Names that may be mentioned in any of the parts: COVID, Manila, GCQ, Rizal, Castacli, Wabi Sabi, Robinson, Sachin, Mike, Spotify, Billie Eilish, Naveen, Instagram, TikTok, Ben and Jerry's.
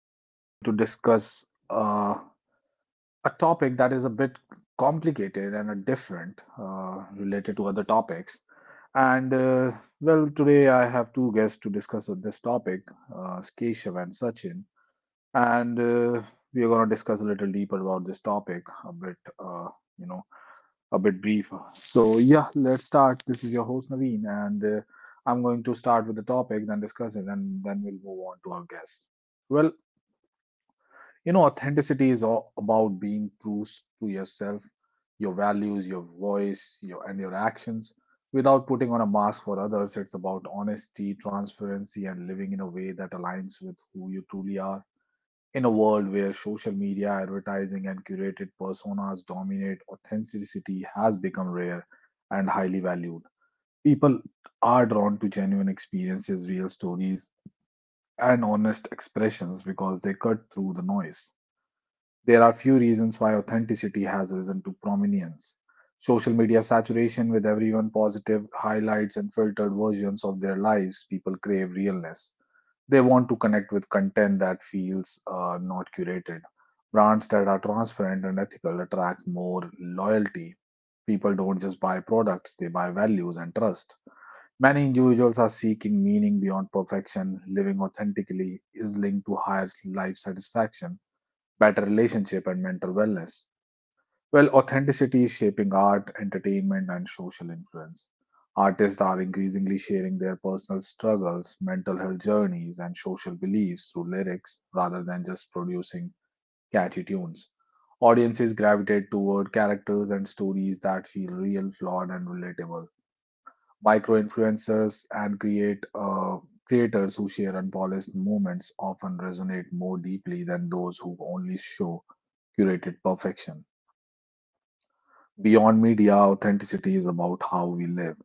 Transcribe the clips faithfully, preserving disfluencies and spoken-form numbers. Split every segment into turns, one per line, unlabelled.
Today, we are going to discuss uh, a topic that is a bit complicated and a different uh, related to other topics. And uh, well, today I have two guests to discuss on this topic, uh, Keshav and Sachin. And uh, we are going to discuss a little deeper about this topic, a bit, uh, you know, a bit brief. So, yeah, let's start. This is your host Naveen, and uh, I'm going to start with the topic, then discuss it, and then we'll move on to our guest. Well, you know, authenticity is all about being true to yourself, your values, your voice, your and your actions. Without putting on a mask for others, it's about honesty, transparency, and living in a way that aligns with who you truly are. In a world where social media advertising and curated personas dominate, authenticity has become rare and highly valued. People are drawn to genuine experiences, real stories, and honest expressions because they cut through the noise. There are few reasons why authenticity has risen to prominence. Social media saturation with everyone positive highlights and filtered versions of their lives, people crave realness. They want to connect with content that feels uh, not curated. Brands that are transparent and ethical attract more loyalty. People don't just buy products, they buy values and trust. Many individuals are seeking meaning beyond perfection. Living authentically is linked to higher life satisfaction, better relationship, and mental wellness. Well, authenticity is shaping art, entertainment, and social influence. Artists are increasingly sharing their personal struggles, mental health journeys, and social beliefs through lyrics rather than just producing catchy tunes. Audiences gravitate toward characters and stories that feel real, flawed, and relatable. Micro influencers and create uh, creators who share unpolished moments often resonate more deeply than those who only show curated perfection. Beyond media, authenticity is about how we live,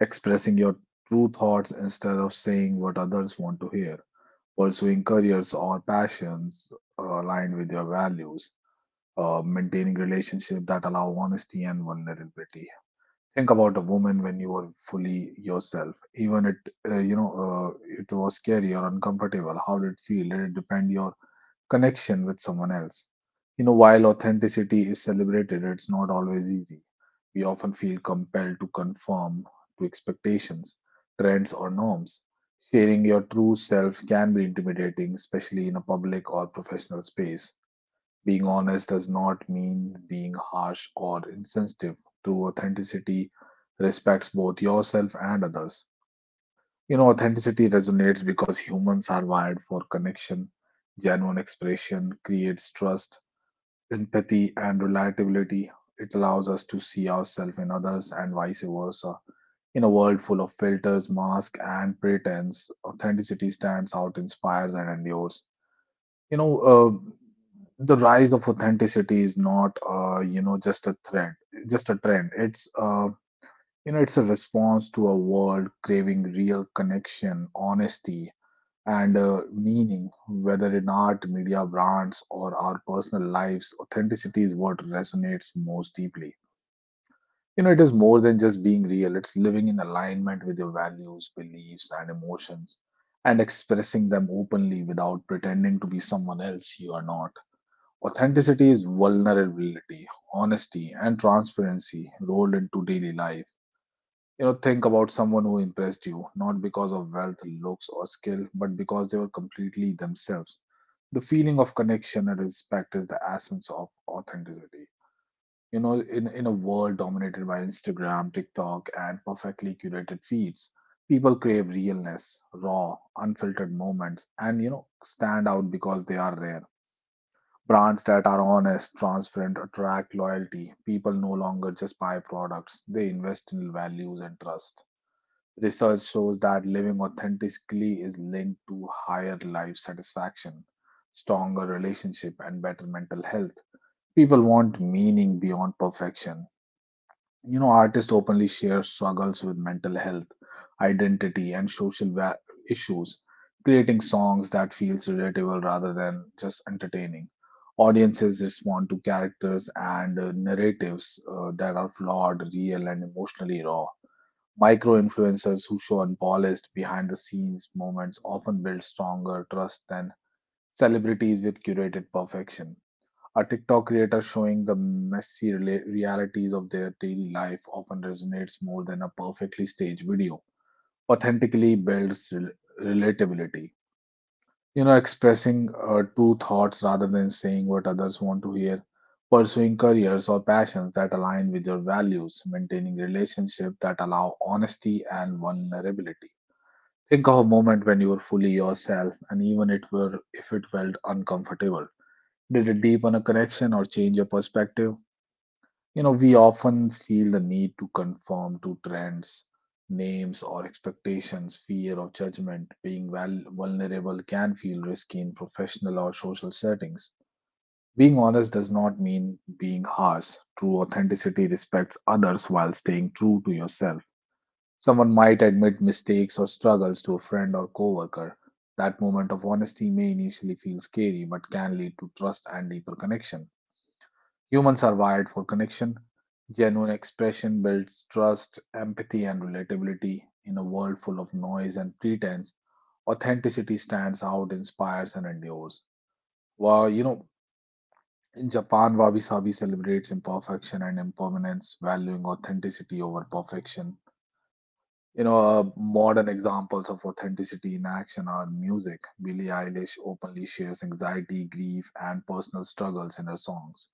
expressing your true thoughts instead of saying what others want to hear, pursuing careers or passions uh, aligned with your values, uh, maintaining relationships that allow honesty and vulnerability. Think about a woman when you were fully yourself, even it uh, you know uh, it was scary or uncomfortable. How did it feel? Did it depend your connection with someone else? You know, while authenticity is celebrated, it's not always easy. We often feel compelled to conform to expectations, trends, or norms. Sharing your true self can be intimidating, especially in a public or professional space. Being honest does not mean being harsh or insensitive. True authenticity respects both yourself and others. You know, authenticity resonates because humans are wired for connection. Genuine expression creates trust, empathy, and reliability. It allows us to see ourselves in others and vice versa. In a world full of filters, masks, and pretense, authenticity stands out, inspires, and endures. You know, uh, the rise of authenticity is not, uh, you know, just a trend. Just a trend. It's uh, you know, it's a response to a world craving real connection, honesty, and uh, meaning, whether in art, media, brands, or our personal lives, authenticity is what resonates most deeply. You know, it is more than just being real, it's living in alignment with your values, beliefs, and emotions, and expressing them openly without pretending to be someone else you are not. Authenticity is vulnerability, honesty, and transparency rolled into daily life. You know, think about someone who impressed you, not because of wealth, looks, or skill, but because they were completely themselves. The feeling of connection and respect is the essence of authenticity. You know, in, in a world dominated by Instagram, TikTok, and perfectly curated feeds, people crave realness, raw, unfiltered moments, and, you know, stand out because they are rare. Brands that are honest, transparent, attract loyalty. People no longer just buy products, they invest in values and trust. Research shows that living authentically is linked to higher life satisfaction, stronger relationship, and better mental health. People want meaning beyond perfection. You know, artists openly share struggles with mental health, identity, and social va- issues, creating songs that feels relatable rather than just entertaining. Audiences respond to characters and uh, narratives uh, that are flawed, real, and emotionally raw. Micro influencers who show unpolished behind the scenes moments often build stronger trust than celebrities with curated perfection. A TikTok creator showing the messy rela- realities of their daily life often resonates more than a perfectly staged video. Authentically builds rel- relatability. You know, expressing uh, true thoughts rather than saying what others want to hear, pursuing careers or passions that align with your values, maintaining relationships that allow honesty and vulnerability. Think of a moment when you were fully yourself, and even it were if it felt uncomfortable. Did it deepen a connection or change your perspective? You know, we often feel the need to conform to trends, names, or expectations. Fear of judgment, being val- vulnerable can feel risky in professional or social settings. Being honest does not mean being harsh. True authenticity respects others while staying true to yourself. Someone might admit mistakes or struggles to a friend or coworker. That moment of honesty may initially feel scary, but can lead to trust and deeper connection. Humans are wired for connection. Genuine expression builds trust, empathy, and relatability. In a world full of noise and pretense, authenticity stands out, inspires, and endures. Well, you know, in Japan, Wabi Sabi celebrates imperfection and impermanence, valuing authenticity over perfection. You know, uh, modern examples of authenticity in action are music. Billie Eilish openly shares anxiety, grief, and personal struggles in her songs.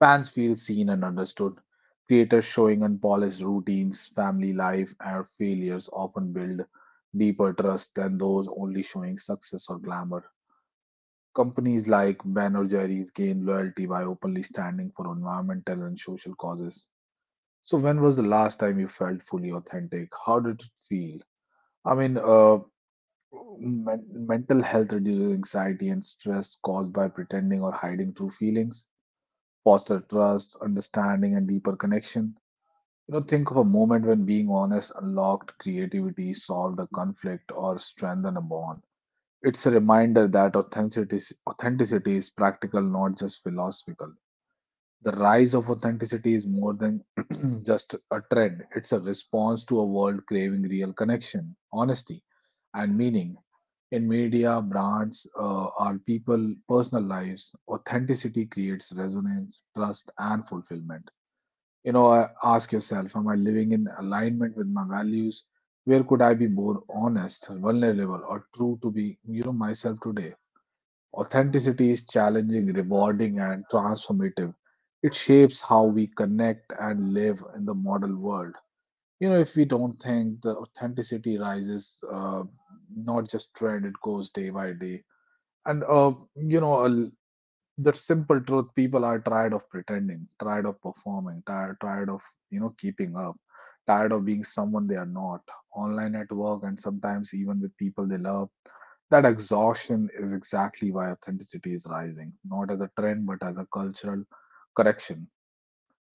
Fans feel seen and understood. Creators showing unpolished routines, family life, and failures often build deeper trust than those only showing success or glamour. Companies like Ben or Jerry's gain loyalty by openly standing for environmental and social causes. So, when was the last time you felt fully authentic? How did it feel? I mean, uh, men- Mental health reduces anxiety and stress caused by pretending or hiding true feelings, foster trust, understanding, and deeper connection. You know, think of a moment when being honest unlocked creativity, solved a conflict, or strengthened a bond. It's a reminder that authenticity, authenticity is practical, not just philosophical. The rise of authenticity is more than just a trend, it's a response to a world craving real connection, honesty, and meaning. In media, brands, uh, our people, personal lives, authenticity creates resonance, trust, and fulfillment. You know, uh, ask yourself, am I living in alignment with my values? Where could I be more honest, vulnerable, or true to be, you know, myself today? Authenticity is challenging, rewarding, and transformative. It shapes how we connect and live in the modern world. You know, if we don't think the authenticity rises, uh, not just trend, it goes day by day. And uh, you know, a l- the simple truth, people are tired of pretending, tired of performing, tired, tired of you know keeping up, tired of being someone they are not, online, at work, and sometimes even with people they love. That exhaustion is exactly why authenticity is rising, not as a trend but as a cultural correction.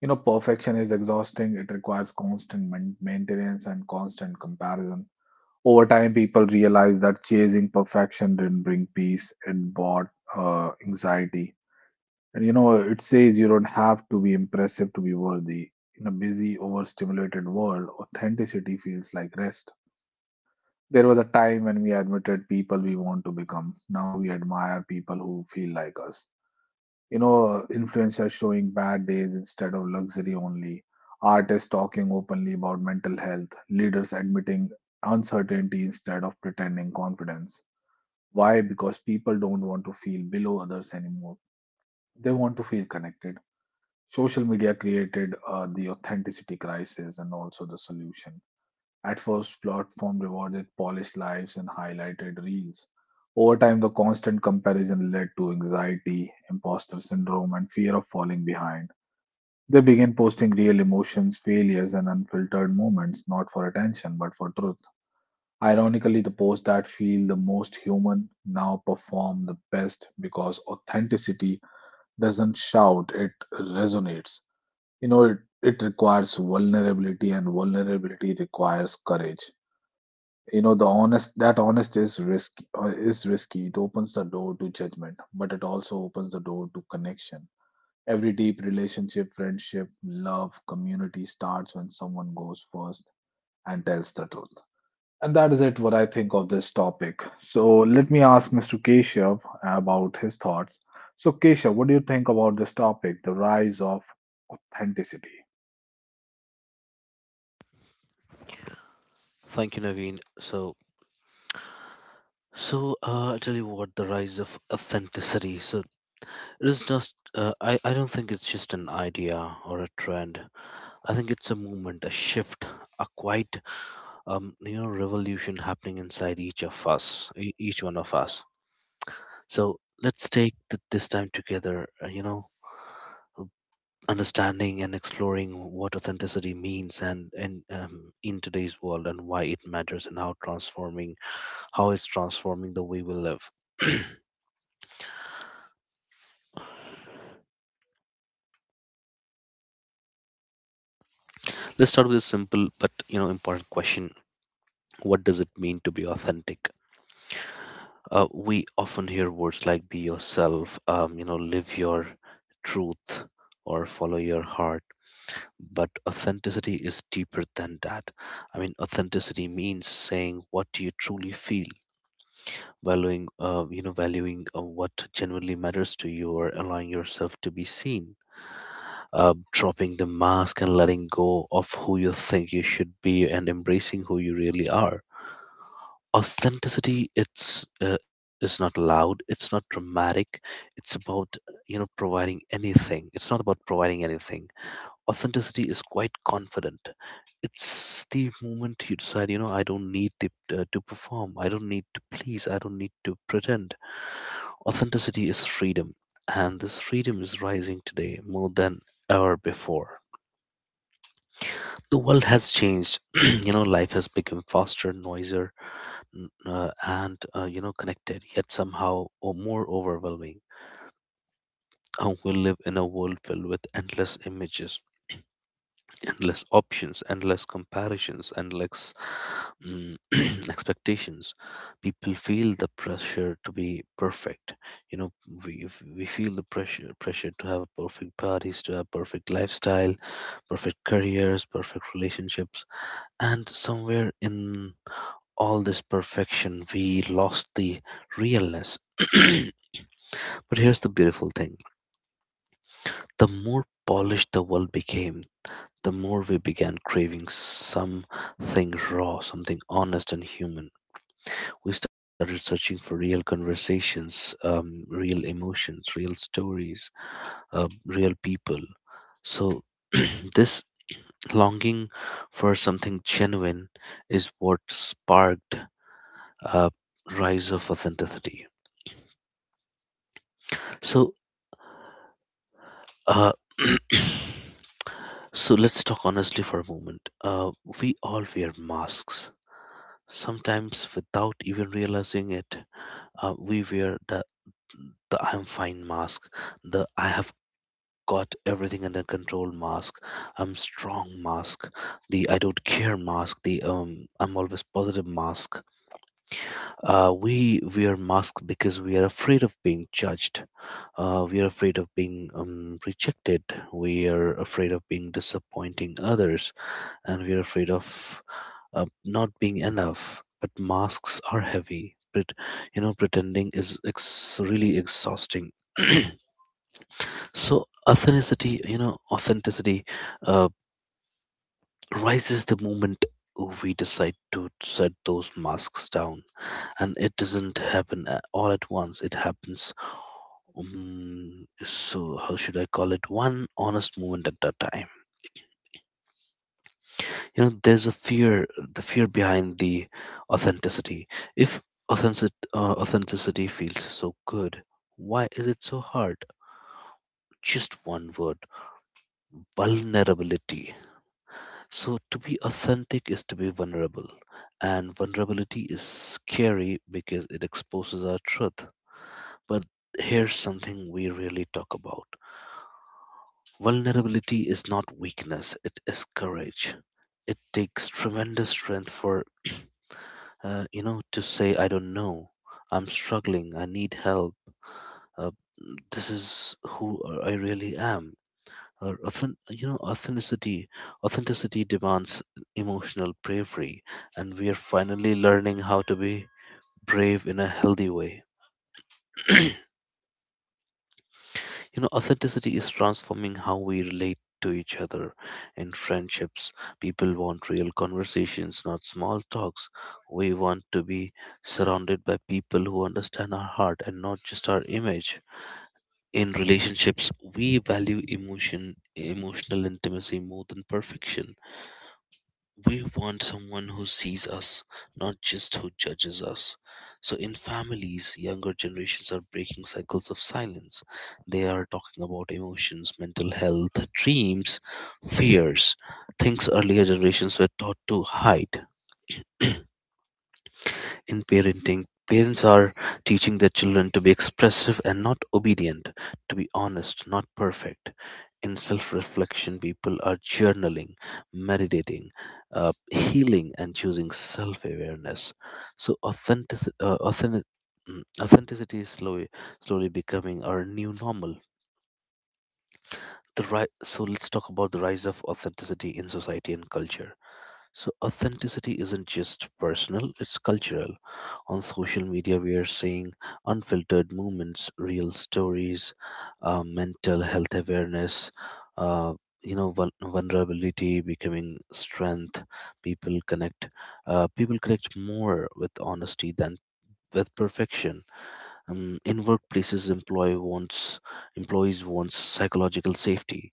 You know, perfection is exhausting, it requires constant main- maintenance and constant comparison. Over time, people realize that chasing perfection didn't bring peace, it brought uh, anxiety. And you know, it says you don't have to be impressive to be worthy. In a busy, overstimulated world, authenticity feels like rest. There was a time when we admitted people we want to become. Now we admire people who feel like us. You know, influencers showing bad days instead of luxury only, artists talking openly about mental health, leaders admitting uncertainty instead of pretending confidence. Why? Because people don't want to feel below others anymore. They want to feel connected. Social media created uh, the authenticity crisis and also the solution. At first, platform rewarded polished lives and highlighted reels. Over time, the constant comparison led to anxiety, imposter syndrome, and fear of falling behind. They began posting real emotions, failures, and unfiltered moments, not for attention, but for truth. Ironically, the posts that feel the most human now perform the best because authenticity doesn't shout, it resonates. You know it, it requires vulnerability and vulnerability requires courage. You know the honest that honest is risky, uh, is risky. It opens the door to judgment but it also opens the door to connection. Every deep relationship, friendship, love, community starts when someone goes first and tells the truth. And that is it what I think of this topic. So let me ask Mr. Keshav about his thoughts. So Keshav, what do you think about this topic, the rise of authenticity?
Thank you, Naveen. So, so uh, I tell you what, the rise of authenticity. So it is just. Uh, I I don't think it's just an idea or a trend. I think it's a movement, a shift, a quite um you know revolution happening inside each of us, e- each one of us. So let's take th- this time together. Uh, you know, understanding and exploring what authenticity means and and um, in today's world and why it matters and how transforming how it's transforming the way we live. Let's start with a simple but you know important question. What does it mean to be authentic? Uh, we often hear words like "be yourself," um, you know, "live your truth," or "follow your heart." But authenticity is deeper than that. I mean, authenticity means saying what you truly feel, valuing, uh, you know, valuing uh, what genuinely matters to you, or allowing yourself to be seen, uh, dropping the mask and letting go of who you think you should be, and embracing who you really are authenticity it's uh, is not loud, it's not dramatic. It's about you know providing anything it's not about providing anything. Authenticity is quite confident. It's the moment you decide, you know I don't need to, uh, to perform, I don't need to please, I don't need to pretend. Authenticity is freedom, and this freedom is rising today more than ever before. The world has changed. You know, life has become faster, noisier, n- uh, and uh, you know connected, yet somehow or more overwhelming. Uh, we live in a world filled with endless images, endless options, endless comparisons, endless mm expectations. People feel the pressure to be perfect. you know we, we feel the pressure pressure to have perfect bodies, to have perfect lifestyle, perfect careers, perfect relationships. And somewhere in all this perfection, we lost the realness. But here's the beautiful thing: the more polished the world became, the more we began craving something raw, something honest and human. We started searching for real conversations, um, real emotions, real stories, uh, real people. So, this longing for something genuine is what sparked a rise of authenticity. So, Uh, so let's talk honestly for a moment. Uh, we all wear masks, sometimes without even realizing it. Uh, we wear the, the I'm fine mask, the I have got everything under control mask, I'm strong mask, the I don't care mask, the um, I'm always positive mask. Uh, we wear masks because we are afraid of being judged. Uh, we are afraid of being um, rejected. We are afraid of being disappointing others, and we're afraid of uh, not being enough. But masks are heavy. But you know, pretending is ex- really exhausting. So authenticity, you know, authenticity uh, rises the moment we decide to set those masks down, and it doesn't happen a- all at once. It happens. Um, so how should I call it? One honest moment at a time. You know, there's a fear, the fear behind the authenticity. If authentic, uh, authenticity feels so good, why is it so hard? Just one word: vulnerability. So to be authentic is to be vulnerable, and vulnerability is scary because it exposes our truth. But here's something we really talk about: vulnerability is not weakness, it is courage. It takes tremendous strength for uh, you know, to say, I don't know, I'm struggling, I need help, uh, this is who I really am. Or authen- you know, authenticity, authenticity demands emotional bravery, and we are finally learning how to be brave in a healthy way. You know, authenticity is transforming how we relate to each other in friendships. People want real conversations, not small talks. We want to be surrounded by people who understand our heart and not just our image. In relationships, we value emotion, emotional intimacy more than perfection. We want someone who sees us, not just who judges us. So, in families, younger generations are breaking cycles of silence. They are talking about emotions, mental health, dreams, fears, things earlier generations were taught to hide. In parenting, parents are teaching their children to be expressive and not obedient, to be honest, not perfect. In self reflection, people are journaling, meditating, uh, healing, and choosing self awareness. So, authentic, uh, authentic, mm, authenticity is slowly, slowly becoming our new normal. The ri- so, let's talk about the rise of authenticity in society and culture. So authenticity isn't just personal, it's cultural. On social media, we are seeing unfiltered moments, real stories, uh, mental health awareness, uh, you know, vul- vulnerability becoming strength. People connect. Uh, people connect more with honesty than with perfection. um, in workplaces, employee wants employees wants psychological safety.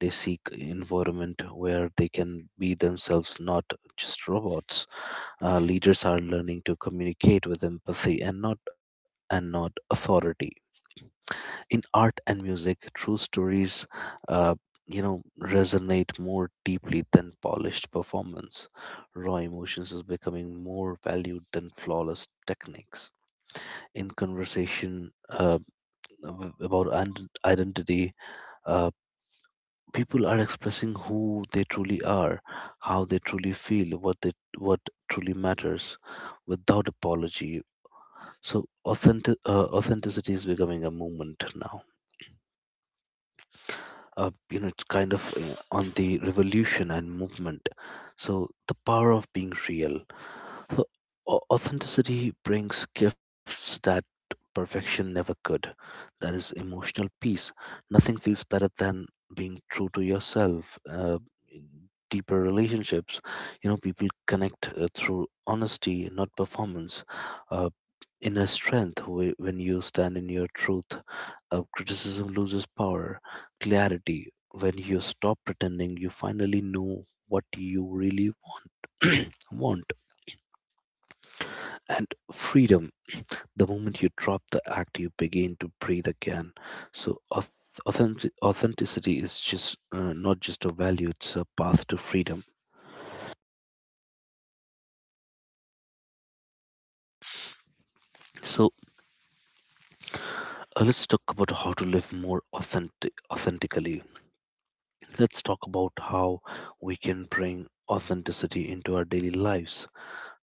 They seek environment where they can be themselves, not just robots. Uh, leaders are learning to communicate with empathy and not and not authority. In art and music, true stories, uh, you know, resonate more deeply than polished performance. Raw emotions is becoming more valued than flawless techniques in conversation uh, ab- about ident- identity, uh, people are expressing who they truly are, how they truly feel, what they what truly matters, without apology. So authentic uh, authenticity is becoming a movement now. Uh, you know, it's kind of uh, on the revolution and movement. So the power of being real. So au- authenticity brings gifts that perfection never could. That is emotional peace. Nothing feels better than being true to yourself. Uh, deeper relationships, you know, people connect uh, through honesty, not performance. Uh, inner strength wh- when you stand in your truth. Uh, criticism loses power. Clarity, when you stop pretending, you finally know what you really want. want And freedom. The moment you drop the act, you begin to breathe again. So auth- authentic- authenticity is just uh, not just a value; it's a path to freedom. So uh, let's talk about how to live more authentic authentically. Let's talk about how we can bring authenticity into our daily lives,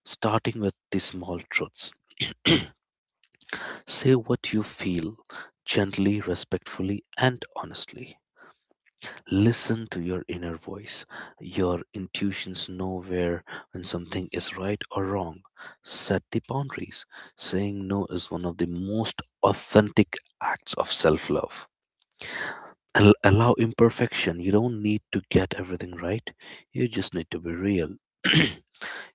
starting with the small truths. Say what you feel gently, respectfully, and honestly. Listen to your inner voice. Your intuitions know where when something is right or wrong. Set the boundaries. Saying no is one of the most authentic acts of self love. Allow imperfection. You don't need to get everything right, you just need to be real. You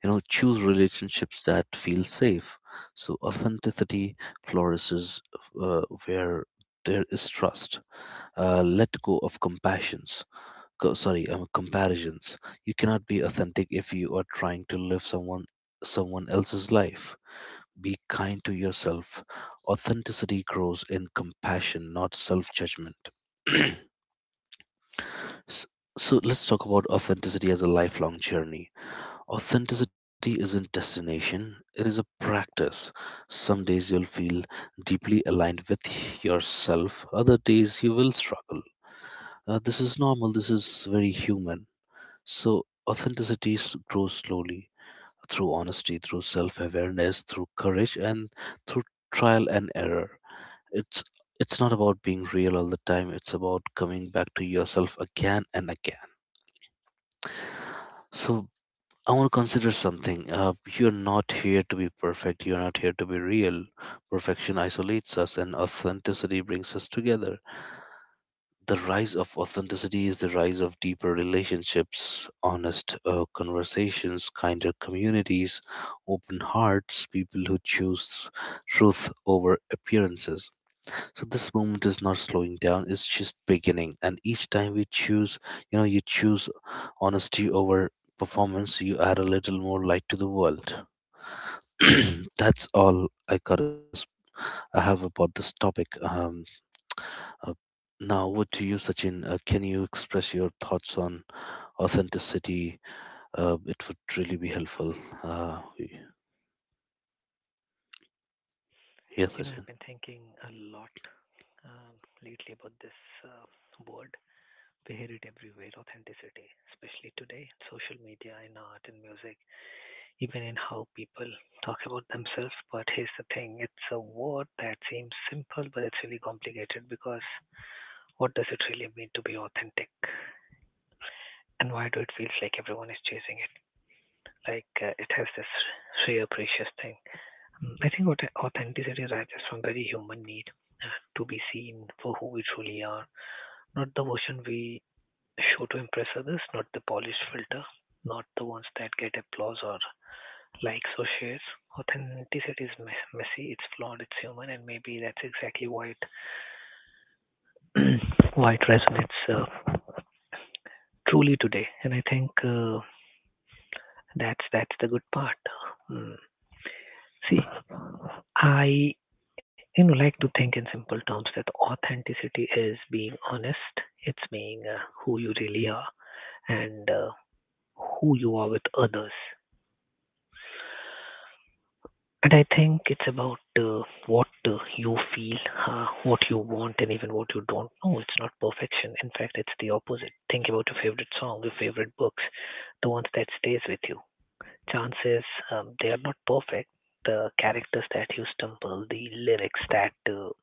know, choose relationships that feel safe. So, authenticity flourishes uh, where there is trust. Uh, let go of compassions co- sorry um, comparisons. You cannot be authentic if you are trying to live someone someone else's life. Be kind to yourself. Authenticity grows in compassion, not self-judgment. S- so let's talk about authenticity as a lifelong journey. Authenticity isn't destination, it is a practice. Some days you'll feel deeply aligned with yourself, other days you will struggle. Uh, this is normal, this is very human. So authenticity s- grows slowly, through honesty, through self awareness, through courage, and through trial and error. It's it's not about being real all the time. It's about coming back to yourself again and again. So I want to consider something. Uh, you're not here to be perfect. You're not here to be real. Perfection isolates us, and authenticity brings us together. The rise of authenticity is the rise of deeper relationships, honest uh, conversations, kinder communities, open hearts, people who choose truth over appearances. So this moment is not slowing down, it's just beginning. And each time we choose, you know, you choose honesty over performance, you add a little more light to the world. That's all I got. To s- I have about this topic. Um, uh, now, over to you, Sachin. Uh, can you express your thoughts on authenticity? Uh, it would really be helpful. Uh,
You
yes,
know, I've
Sachin.
been thinking a lot um, lately about this uh, word. We hear it everywhere authenticity, especially today in social media, in art, in music, even in how people talk about themselves. But here's the thing it's a word that seems simple, but it's really complicated because what does it really mean to be authentic? And why do it feels like everyone is chasing it? Like uh, it has this rare, precious thing. Mm, I think what authenticity rises from very human need to be seen for who we truly are. Not the version we show to impress others, not the polished filter, not the ones that get applause or likes or shares. Authenticity is messy, it's flawed, it's human, and maybe that's exactly why it why it resonates uh, truly today. And I think uh, that's that's the good part. Mm. See, I you know like to think in simple terms that authenticity is being honest. It's being uh, who you really are, and uh, who you are with others. And I think it's about uh, what uh, you feel, uh, what you want, and even what you don't. Know. It's not perfection. In fact, it's the opposite. Think about your favorite song, your favorite books, the ones that stays with you. Chances um, they are not perfect. The characters that you stumble, the lyrics that uh,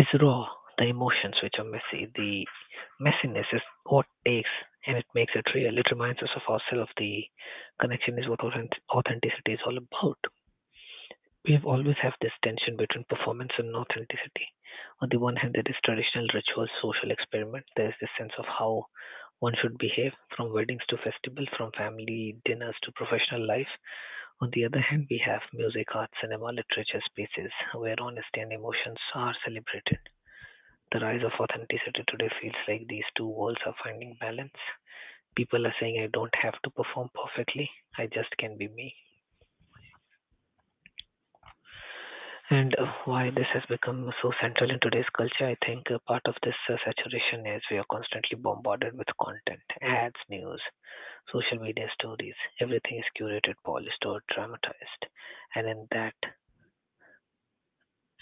is raw, the emotions which are messy. The messiness is what takes and it makes it real. It reminds us of ourselves. The connection is what authentic- authenticity is all about. We've always have this tension between performance and authenticity. On the one hand, there is traditional rituals, social experiment. There is this sense of how one should behave from weddings to festivals, from family dinners to professional life. On the other hand, we have music, art, cinema, literature spaces where honesty and emotions are celebrated the rise of authenticity today feels like these two worlds are finding balance. People are saying, I don't have to perform perfectly, I just can be me. And uh, why this has become so central in today's culture, I think uh, part of this uh, saturation is we are constantly bombarded with content, ads, news, social media stories. Everything is curated, polished, or dramatized. And in that,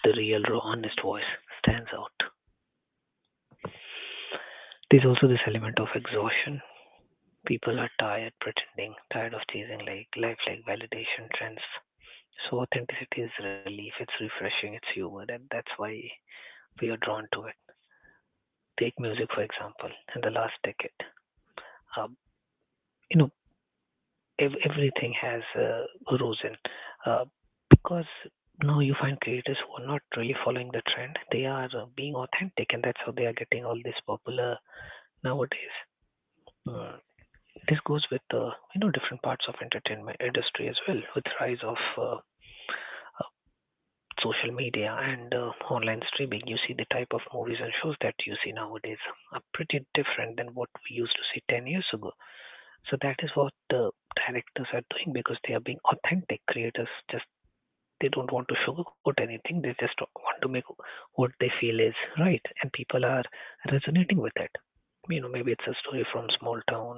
the real, raw, honest voice stands out. There's also this element of exhaustion. People are tired pretending, tired of chasing like life, like validation trends. So authenticity is relief, it's refreshing, it's humor, and that's why we are drawn to it. Take music for example. In the last decade, um, you know, ev- everything has uh, risen uh, because now you find creators who are not really following the trend. They are uh, being authentic, and that's how they are getting all this popular nowadays. Mm. This goes with uh, you know different parts of entertainment industry as well, with rise of uh, uh, social media and uh, online streaming, you see the type of movies and shows that you see nowadays are pretty different than what we used to see ten years ago. So that is what the directors are doing because they are being authentic. Creators just they don't want to sugarcoat anything. They just want to make what they feel is right, and people are resonating with it. You know, maybe it's a story from small town,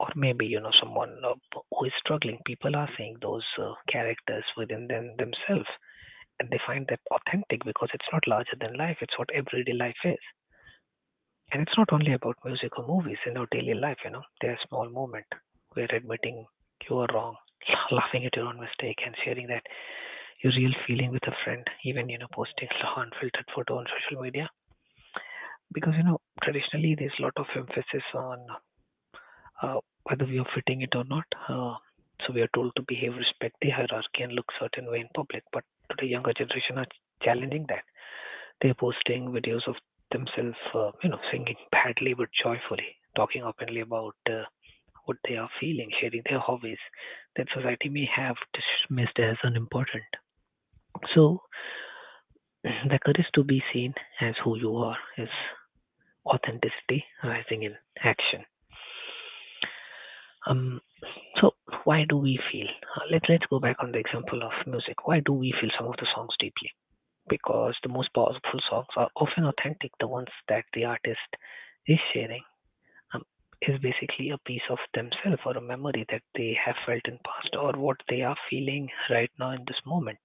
or maybe you know someone uh, who is struggling. People are seeing those uh, characters within them themselves and they find that authentic because it's not larger than life, it's what everyday life is. And it's not only about music or movies in our daily life, you know, there's a small moment where admitting you are wrong, la- laughing at your own mistake, and sharing that your real feeling with a friend, even, you know, posting unfiltered photo on social media. Because, you know, traditionally there's a lot of emphasis on uh, whether we are fitting it or not. Uh, so we are told to behave, respect the hierarchy, and look certain way in public. But today, younger generation are challenging that. They're posting videos of themselves, uh, you know, singing badly but joyfully, talking openly about uh, what they are feeling, sharing their hobbies that society may have dismissed as unimportant. So, the courage to be seen as who you are is authenticity rising in action. Um, so why do we feel? Uh, let Let's go back on the example of music. Why do we feel some of the songs deeply? Because the most powerful songs are often authentic, the ones that the artist is sharing um, is basically a piece of themselves or a memory that they have felt in past or what they are feeling right now in this moment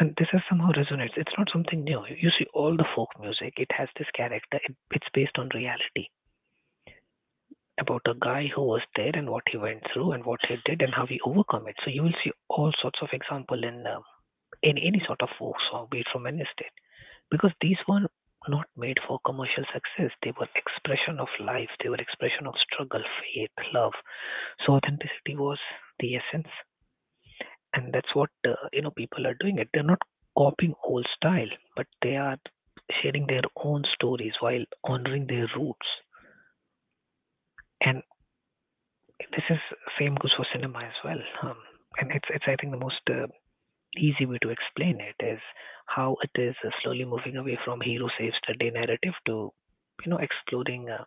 and this has somehow resonates it's not something new you see all the folk music it has this character it, it's based on reality about a guy who was there and what he went through and what he did and how he overcome it so you will see all sorts of example in um, in any sort of folk song be it from any state because these were not made for commercial success they were expression of life they were expression of struggle faith love. So authenticity was the essence, and that's what uh, you know people are doing. It they're not copying old style, but they are sharing their own stories while honoring their roots. And this is same goes for cinema as well. Um, and it's it's I think the most uh, easy way to explain it is how it is uh, slowly moving away from hero saves the day narrative to you know exploring uh,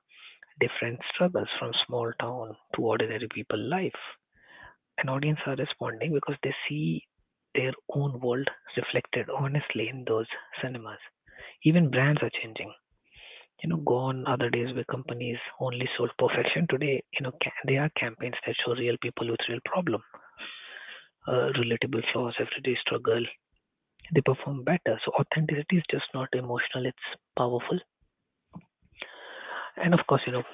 different struggles from small town to ordinary people life. An audience are responding because they see their own world reflected honestly in those cinemas. Even brands are changing. You know, gone are the days where companies only sold perfection. Today, you know, ca- they are campaigns that show real people with real problem, uh, relatable flaws, everyday struggle. They perform better. So authenticity is just not emotional; it's powerful. And of course, you know,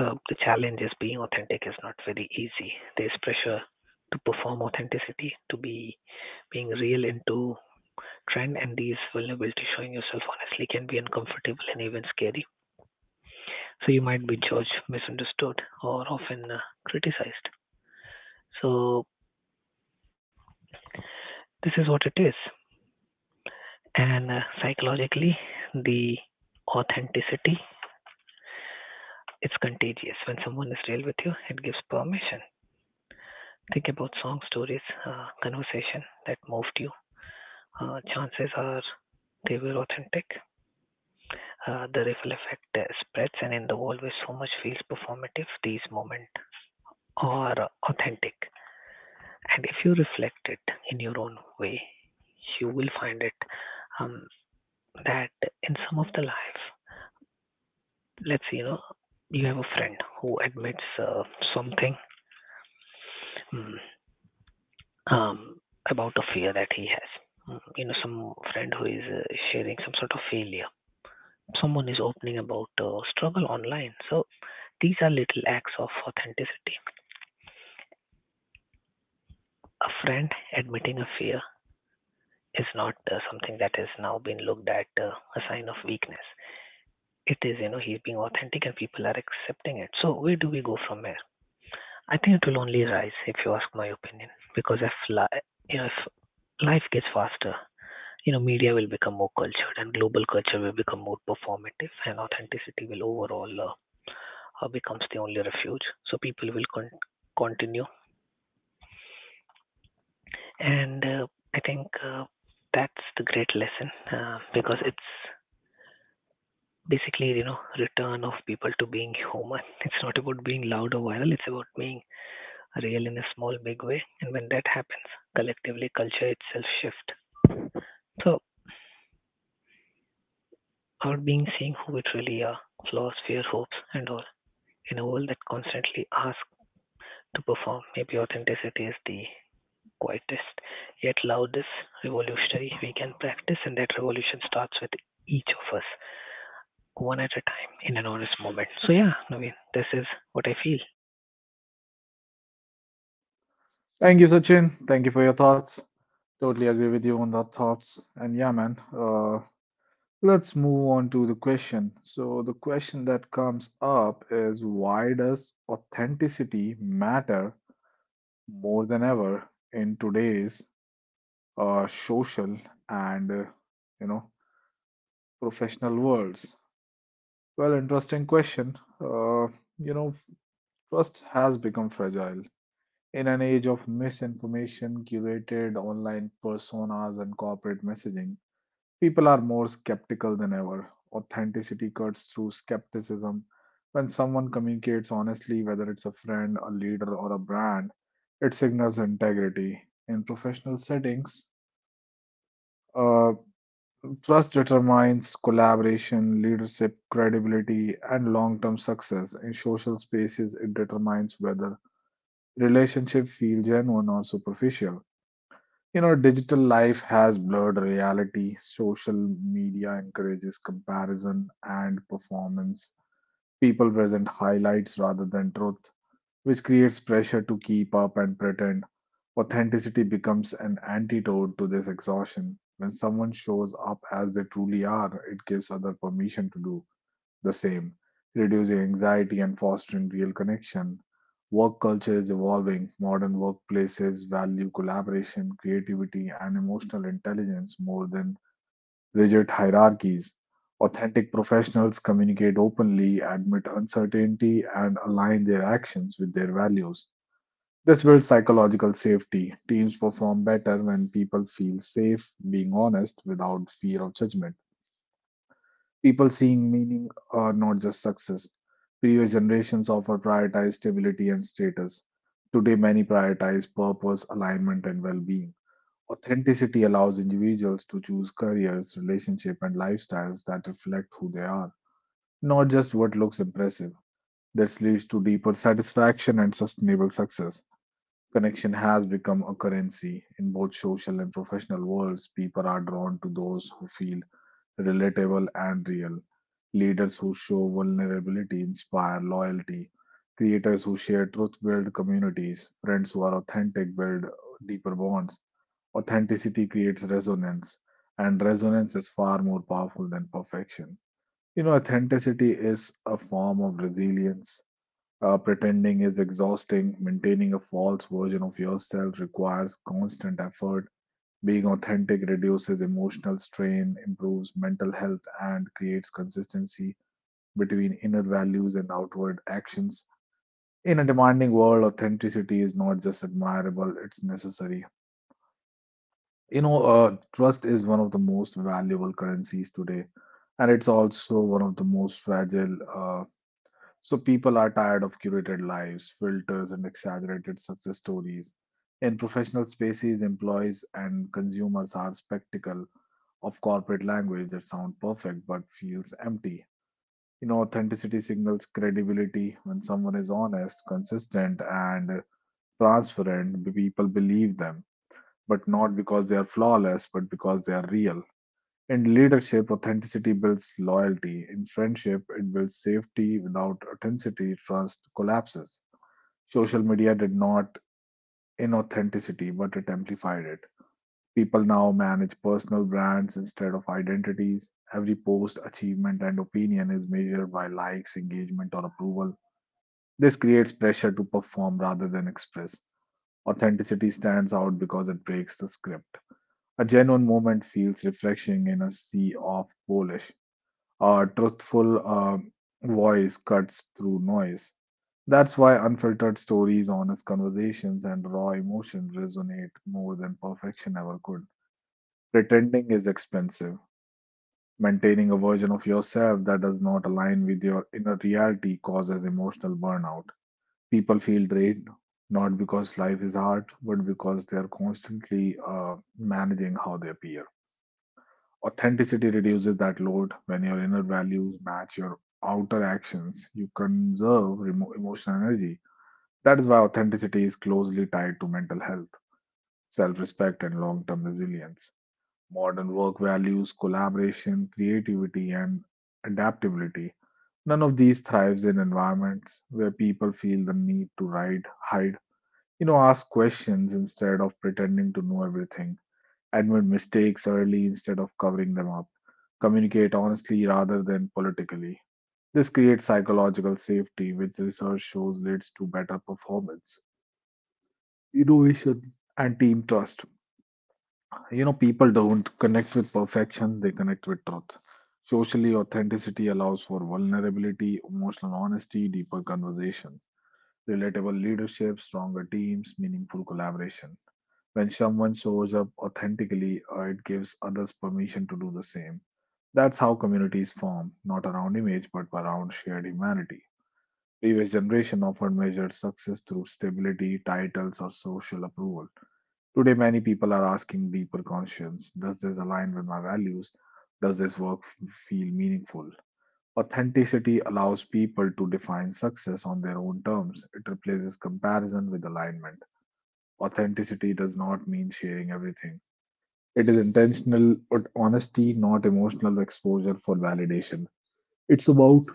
uh, the challenge is being authentic is not very easy. There's pressure to perform authenticity, to be being real into trend, and these vulnerabilities showing yourself honestly can be uncomfortable and even scary. So you might be judged, misunderstood, or often uh, criticized. So this is what it is, and uh, psychologically, the authenticity it's contagious. When someone is real with you, it gives permission. Think about song stories, uh, conversation that moved you. Uh, chances are they were authentic. Uh, the ripple effect uh, spreads, and in the world where so much feels performative, these moments are authentic. And if you reflect it in your own way, you will find it um, that in some of the life, let's say, you know, you have a friend who admits uh, something mm, um, about a fear that he has. Mm, you know, some friend who is uh, sharing some sort of failure. Someone is opening about uh, struggle online. So these are little acts of authenticity. A friend admitting a fear is not uh, something that has now been looked at uh, a sign of weakness. It is, you know, he's being authentic and people are accepting it. So where do we go from here? I think it will only rise if you ask my opinion, because if li- you know, if life gets faster, you know, media will become more cultured and global culture will become more performative and authenticity will overall uh, uh, becomes the only refuge. So people will con- continue, and uh, I think uh, that's the great lesson uh, because it's basically, you know, return of people to being human. It's not about being loud or viral, it's about being real in a small, big way. And when that happens, collectively, culture itself shift. So, our being seeing who it really are, flaws, fear, hopes, and all, in a world that constantly asks to perform, maybe authenticity is the quietest, yet loudest revolutionary we can practice, and that revolution starts with each of us, one at a time, in an honest moment. So, yeah, Naveen, this is what I feel.
Thank you, Sachin. Thank you for your thoughts. Totally agree with you on that thoughts. And yeah, man, uh, let's move on to the question. So the question that comes up is why does authenticity matter more than ever in today's uh, social and uh, you know professional worlds? Well, interesting question. Uh, you know, trust has become fragile. In an age of misinformation, curated online personas, and corporate messaging, people are more skeptical than ever. Authenticity cuts through skepticism. When someone communicates honestly, whether it's a friend, a leader, or a brand, it signals integrity. In professional settings, uh, trust determines collaboration, leadership, credibility, and long term success. In social spaces, it determines whether relationships feel genuine or superficial. You know, digital life has blurred reality. Social media encourages comparison and performance. People present highlights rather than truth, which creates pressure to keep up and pretend. Authenticity becomes an antidote to this exhaustion. When someone shows up as they truly are, it gives other permission to do the same, reducing anxiety and fostering real connection. Work culture is evolving. Modern workplaces value collaboration, creativity, and emotional intelligence more than rigid hierarchies. Authentic professionals communicate openly, admit uncertainty, and align their actions with their values. This builds psychological safety. Teams perform better when people feel safe being honest without fear of judgment. People seeing meaning are not just success. Previous generations often prioritized stability and status. Today, many prioritize purpose, alignment, and well being. Authenticity allows individuals to choose careers, relationships, and lifestyles that reflect who they are, not just what looks impressive. This leads to deeper satisfaction and sustainable success. Connection has become a currency in both social and professional worlds. People are drawn to those who feel relatable, and real. Leaders who show vulnerability inspire loyalty. Creators who share truth build communities. Friends who are authentic build deeper bonds. Authenticity creates resonance, and resonance is far more powerful than perfection. You know, authenticity is a form of resilience. Uh, pretending is exhausting. Maintaining a false version of yourself requires constant effort. Being authentic reduces emotional strain, improves mental health, and creates consistency between inner values and outward actions. In a demanding world, authenticity is not just admirable, it's necessary. You know, uh, trust is one of the most valuable currencies today, and it's also one of the most fragile. Uh, so people are tired of curated lives, filters, and exaggerated success stories. In professional spaces, employees and consumers are spectacle of corporate language that sound perfect but feels empty. You know, authenticity signals credibility. When someone is honest, consistent, and transparent, people believe them, but not because they are flawless, but because they are real. In leadership, authenticity builds loyalty. In friendship, it builds safety. Without authenticity, trust collapses. Social media did not inauthenticity, but it amplified it. People now manage personal brands instead of identities. Every post, achievement, and opinion is measured by likes, engagement, or approval. This creates pressure to perform rather than express. Authenticity stands out because it breaks the script. A genuine moment feels refreshing in a sea of polish. A truthful uh, voice cuts through noise. That's why unfiltered stories, honest conversations, and raw emotion resonate more than perfection ever could. Pretending is expensive. Maintaining a version of yourself that does not align with your inner reality causes emotional burnout. People feel drained not because life is hard, but because they are constantly uh, managing how they appear. Authenticity reduces that load when your inner values match your outer actions. You conserve remo emotional energy. That is why authenticity is closely tied to mental health, self respect, and long term resilience. Modern work values collaboration, creativity, and adaptability. None of these thrives in environments where people feel the need to hide, hide, you know, ask questions instead of pretending to know everything. Admit mistakes early instead of covering them up. Communicate honestly rather than politically. This creates psychological safety, which research shows leads to better performance, innovation, and team trust. You know, people don't connect with perfection, they connect with truth. Socially, authenticity allows for vulnerability, emotional honesty, deeper conversation, relatable leadership, stronger teams, meaningful collaboration. When someone shows up authentically, uh, it gives others permission to do the same. That's how communities form, not around image but around shared humanity. Previous generation often measured success through stability, titles, or social approval. Today, many people are asking deeper conscience. Does this align with my values? Does this work f- feel meaningful? Authenticity allows people to define success on their own terms. It replaces comparison with alignment. Authenticity does not mean sharing everything, it is intentional but honesty, not emotional exposure for validation. It's about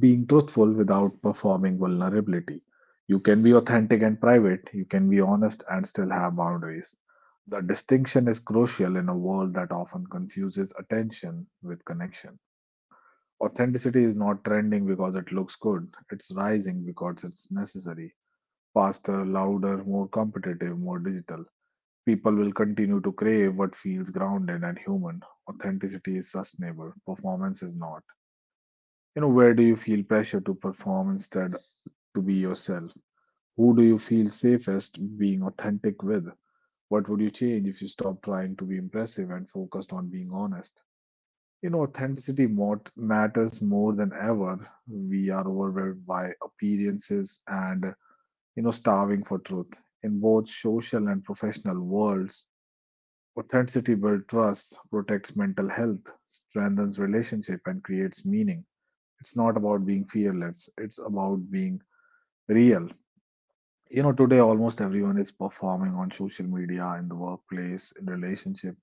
being truthful without performing vulnerability. You can be authentic and private, you can be honest and still have boundaries. The distinction is crucial in a world that often confuses attention with connection. Authenticity is not trending because it looks good, it's rising because it's necessary. Faster, louder, more competitive, more digital. People will continue to crave what feels grounded and human. Authenticity is sustainable, performance is not. you know where do you feel pressure to perform instead to be yourself? Who do you feel safest being authentic with? What would you change if you stopped trying to be impressive and focused on being honest? You know, authenticity mot- matters more than ever. We are overwhelmed by appearances and, you know, starving for truth. In both social and professional worlds, authenticity builds trust, protects mental health, strengthens relationship, and creates meaning. It's not about being fearless, it's about being real. You know, today almost everyone is performing on social media, in the workplace, in relationship.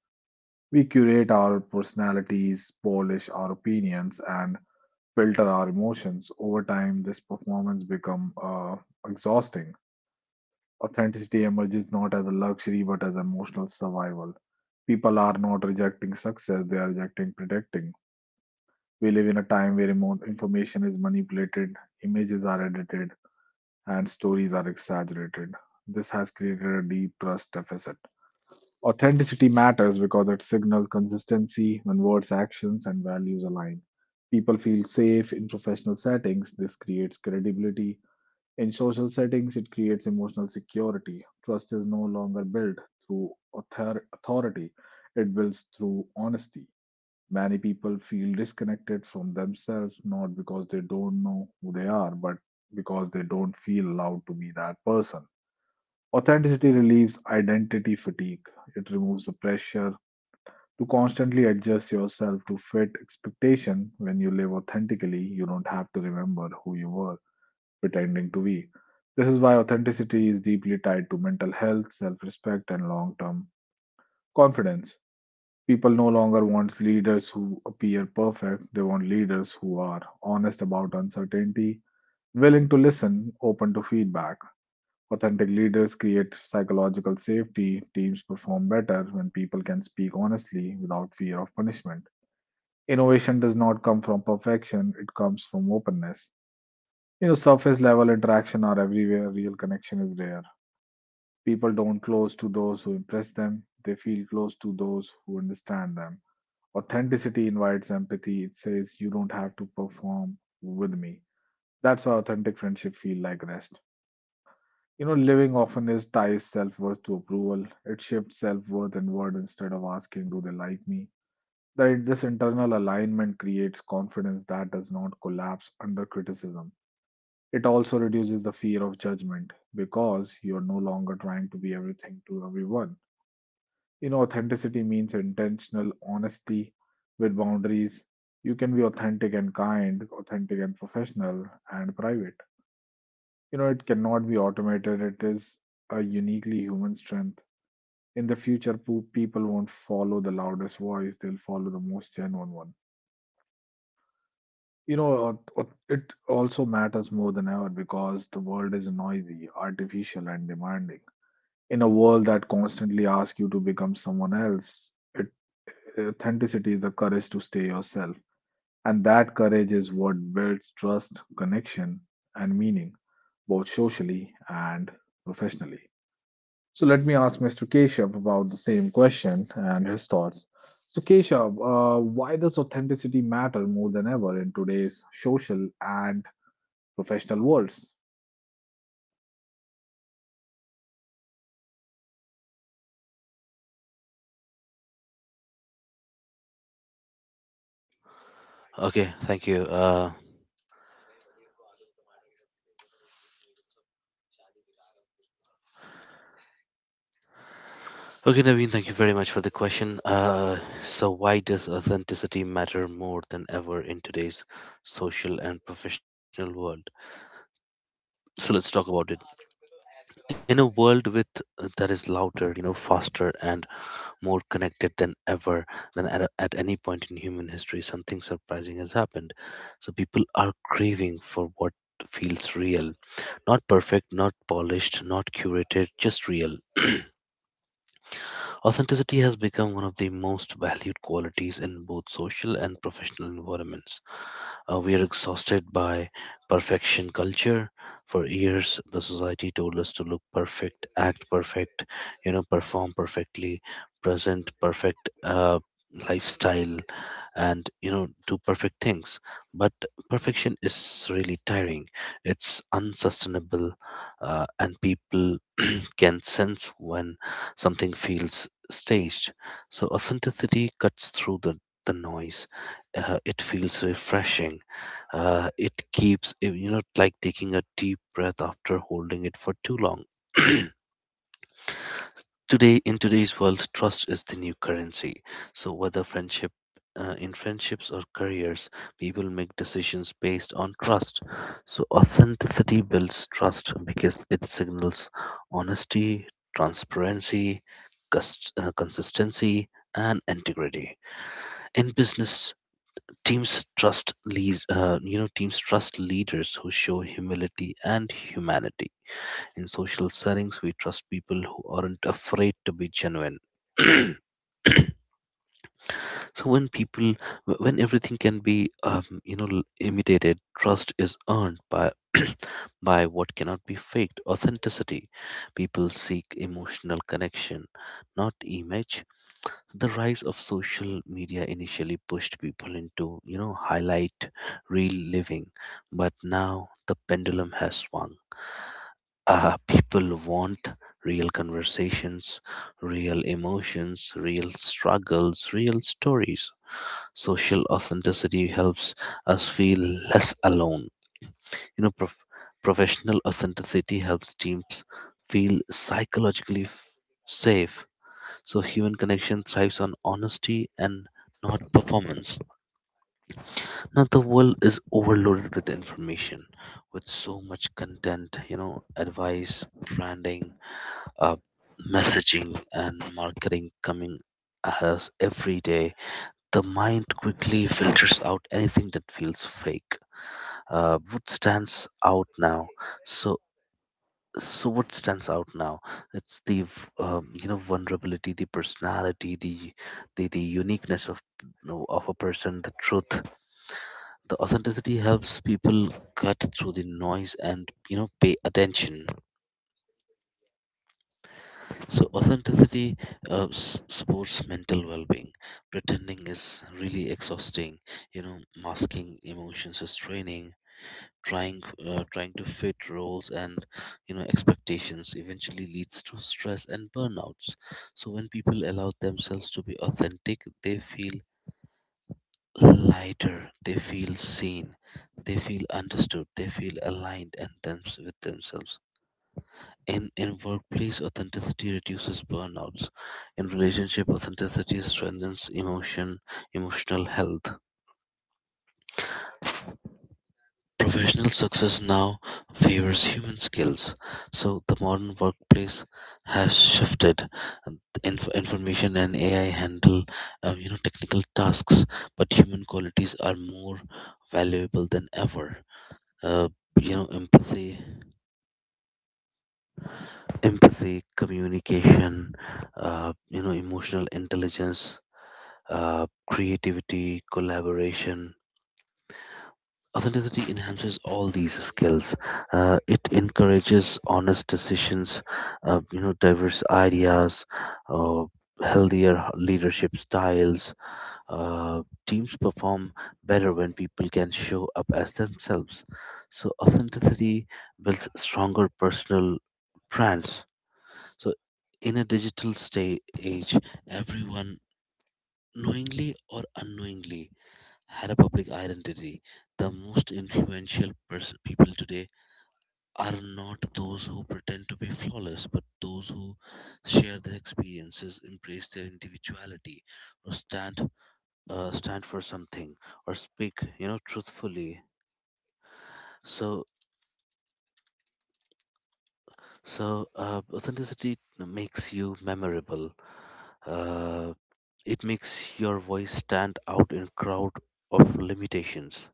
We curate our personalities, polish our opinions, and filter our emotions. Over time, this performance become uh, exhausting. Authenticity emerges not as a luxury but as emotional survival. People are not rejecting success; they are rejecting protecting. We live in a time where emo- information is manipulated, images are edited, and stories are exaggerated. This has created a deep trust deficit. Authenticity matters because it signals consistency when words, actions, and values align. People feel safe in professional settings. This creates credibility. In social settings, it creates emotional security. Trust is no longer built through author- authority, it builds through honesty. Many people feel disconnected from themselves not because they don't know who they are, but because they don't feel allowed to be that person. Authenticity relieves identity fatigue. It removes the pressure to constantly adjust yourself to fit expectation. When you live authentically you don't have to remember who you were pretending to be. This is why authenticity is deeply tied to mental health, self-respect and long-term confidence. People no longer want leaders who appear perfect, they want leaders who are honest about uncertainty, willing to listen, open to feedback. Authentic leaders create psychological safety. Teams perform better when people can speak honestly without fear of punishment. Innovation does not come from perfection, it comes from openness. You know, surface level interaction are everywhere, real connection is rare. People don't close to those who impress them, they feel close to those who understand them. Authenticity invites empathy, it says, "You don't have to perform with me." That's how authentic friendship feel like rest. You know, living often is ties self worth to approval. It shifts self worth inward instead of asking, "Do they like me?" Right, this internal alignment creates confidence that does not collapse under criticism. It also reduces the fear of judgment because you're no longer trying to be everything to everyone. You know, authenticity means intentional honesty with boundaries. You can be authentic and kind, authentic and professional, and private. You know, it cannot be automated, it is a uniquely human strength. In the future, po- people won't follow the loudest voice, they'll follow the most genuine one. You know, uh, uh, it also matters more than ever because the world is noisy, artificial, and demanding. In a world that constantly asks you to become someone else, it, authenticity is the courage to stay yourself. And that courage is what builds trust, connection, and meaning, both socially and professionally. So let me ask Mister Keshav about the same question and his thoughts. So, Keshav, uh, why does authenticity matter more than ever in today's social and professional worlds.
Okay, thank you. Uh, okay, Naveen, thank you very much for the question. Uh, so, why does authenticity matter more than ever in today's social and professional world? So, let's talk about it. In a world with uh, that is louder, you know, faster and more connected than ever, than at, a- at any point in human history, something surprising has happened. So people are craving for what feels real, not perfect, not polished, not curated, just real. Authenticity has become one of the most valued qualities in both social and professional environments. Uh, we are exhausted by perfection culture. For years, the society told us to look perfect, act perfect, you know, perform perfectly, present perfect uh, lifestyle, and you know, do perfect things. But perfection is really tiring. It's unsustainable, uh, and people can sense when something feels staged. So authenticity cuts through the the noise. Uh, it feels refreshing, uh, it keeps, eh, you know, like taking a deep breath after holding it for too long. Today, in today's world, trust is the new currency. So, whether friendship, uh, in friendships or careers, people make decisions based on trust. So, authenticity builds trust because it signals honesty, transparency, cust- uh, consistency, and integrity. In business, teams trust lead, uh, you know, teams trust leaders who show humility and humanity. In social settings, we trust people who aren't afraid to be genuine. So when people, wh- when everything can be, um, you know, l- imitated, trust is earned by by what cannot be faked. Authenticity. People seek emotional connection, not image. The rise of social media initially pushed people into, you know highlight real living, but now the pendulum has swung. Uh, people want real conversations, real emotions, real struggles, real stories. Social authenticity helps us feel less alone. you know prof- Professional authenticity helps teams feel psychologically f- safe. So human connection thrives on honesty and not performance. Now the world is overloaded with information, with so much content, you know, advice, branding, uh, messaging, and marketing coming at us every day. The mind quickly filters out anything that feels fake. Uh, what stands out now? So so what stands out now, it's the v- um, you know, vulnerability, the personality, the the, the uniqueness of, you know, of a person, the truth, the authenticity helps people cut through the noise and, you know, pay attention. So authenticity uh, s- supports mental well-being. Pretending is really exhausting, you know, masking emotions is draining. Trying, uh, trying to fit roles and, you know, expectations eventually leads to stress and burnouts. So when people allow themselves to be authentic, they feel lighter, they feel seen, they feel understood, they feel aligned and them- with themselves. In in workplace, authenticity reduces burnouts. In relationship, authenticity strengthens emotion emotional health. Professional success now favors human skills. So the modern workplace has shifted. Inf- information and A I handle, um, you know, technical tasks, but human qualities are more valuable than ever. Uh, you know, Empathy, empathy, communication, uh, you know, emotional intelligence, uh, creativity, collaboration, authenticity enhances all these skills. Uh, it encourages honest decisions, uh, you know, diverse ideas, uh, healthier leadership styles. Uh, teams perform better when people can show up as themselves. So authenticity builds stronger personal brands. So in a digital stay age, everyone, knowingly or unknowingly, had a public identity. The most influential pers- people today are not those who pretend to be flawless, but those who share their experiences, embrace their individuality, or stand uh, stand for something, or speak, you know, truthfully. So, so uh, authenticity makes you memorable. Uh, it makes your voice stand out in a crowd of limitations.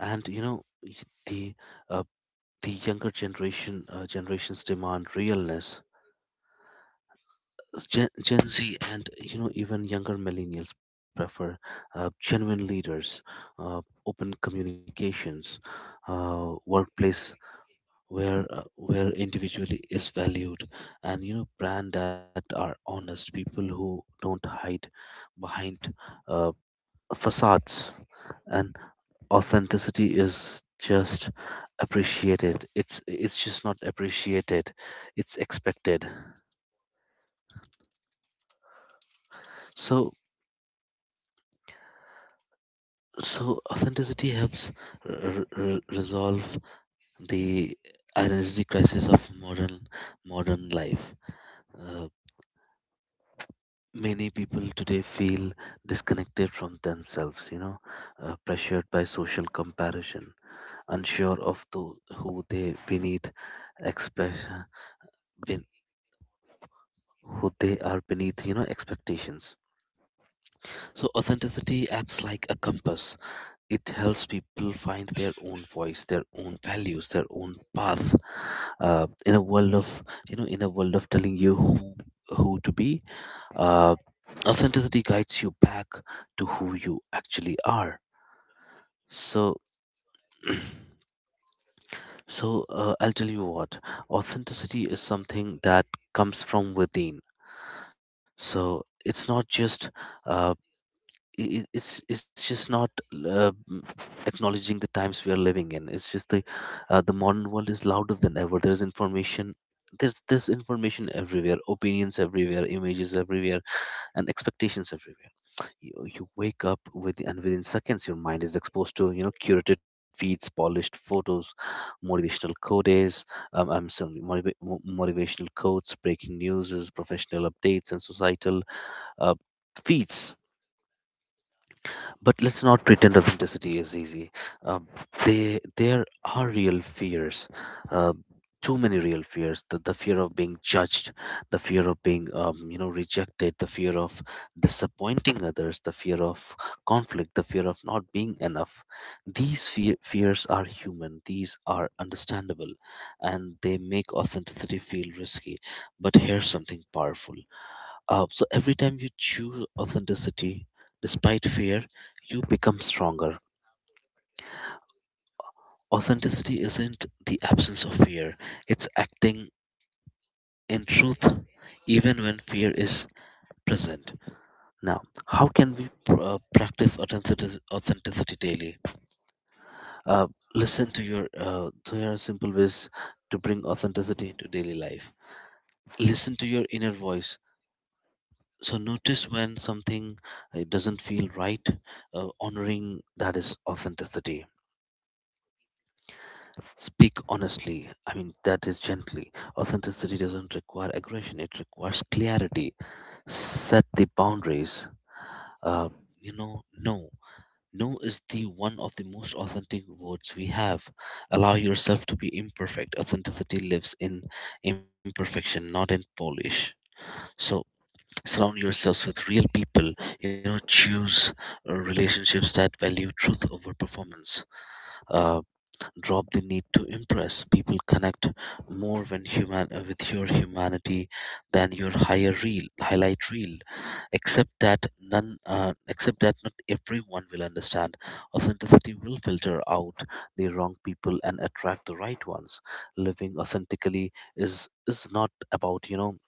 And you know y- the uh, the younger generation uh, generations demand realness. Gen, Gen Z and, you know, even younger millennials prefer uh, genuine leaders, uh, open communications, uh, workplace where uh, where individually is valued, and, you know, brand that are honest, people who don't hide behind uh, facades. And authenticity is just appreciated it's it's just not appreciated, it's expected. So so authenticity helps r- r- resolve the identity crisis of modern modern life. Uh, many people today feel disconnected from themselves, you know, uh, pressured by social comparison, unsure of the, who they beneath express ben- who they are beneath, you know, expectations. So, authenticity acts like a compass. It helps people find their own voice, their own values, their own path. Uh, in a world of, you know, in a world of telling you who, who to be, uh, authenticity guides you back to who you actually are. So, so uh, I'll tell you what. Authenticity is something that comes from within. So, it's not just, uh, i- it's it's just not uh, m- acknowledging the times we are living in. It's just the, uh, the modern world is louder than ever. There's information, there's this information everywhere, opinions everywhere, images everywhere, and expectations everywhere. you, you wake up, with and within seconds your mind is exposed to, you know, curated feeds, polished photos, motivational quotes, um, I'm sorry, motiva- mo- motivational quotes, breaking news, professional updates, and societal uh, feeds. But let's not pretend authenticity is easy. Um, they, there are real fears, uh, too many real fears. The, the fear of being judged, the fear of being, um, you know, rejected, the fear of disappointing others, the fear of conflict, the fear of not being enough. These fe- fears are human. These are understandable, and they make authenticity feel risky. But here's something powerful. Uh, so every time you choose authenticity despite fear, you become stronger. Authenticity isn't the absence of fear, it's acting in truth even when fear is present. Now, how can we pr- uh, practice authenticity, authenticity daily? Uh, listen to your, uh, so here are simple ways to bring authenticity into daily life. Listen to your inner voice. So notice when something, it doesn't feel right. Uh, honoring that is authenticity. Speak honestly, I mean that is gently. Authenticity doesn't require aggression, it requires clarity. Set the boundaries. uh, you know, no no is the one of the most authentic words we have. Allow yourself to be imperfect. Authenticity lives in imperfection, not in polish. So surround yourselves with real people, you know. Choose uh, relationships that value truth over performance. uh, Drop the need to impress people. Connect more when human uh, with your humanity than your higher reel highlight reel. Accept that none uh, accept that not everyone will understand. Authenticity will filter out the wrong people and attract the right ones. Living authentically is is not about, you know,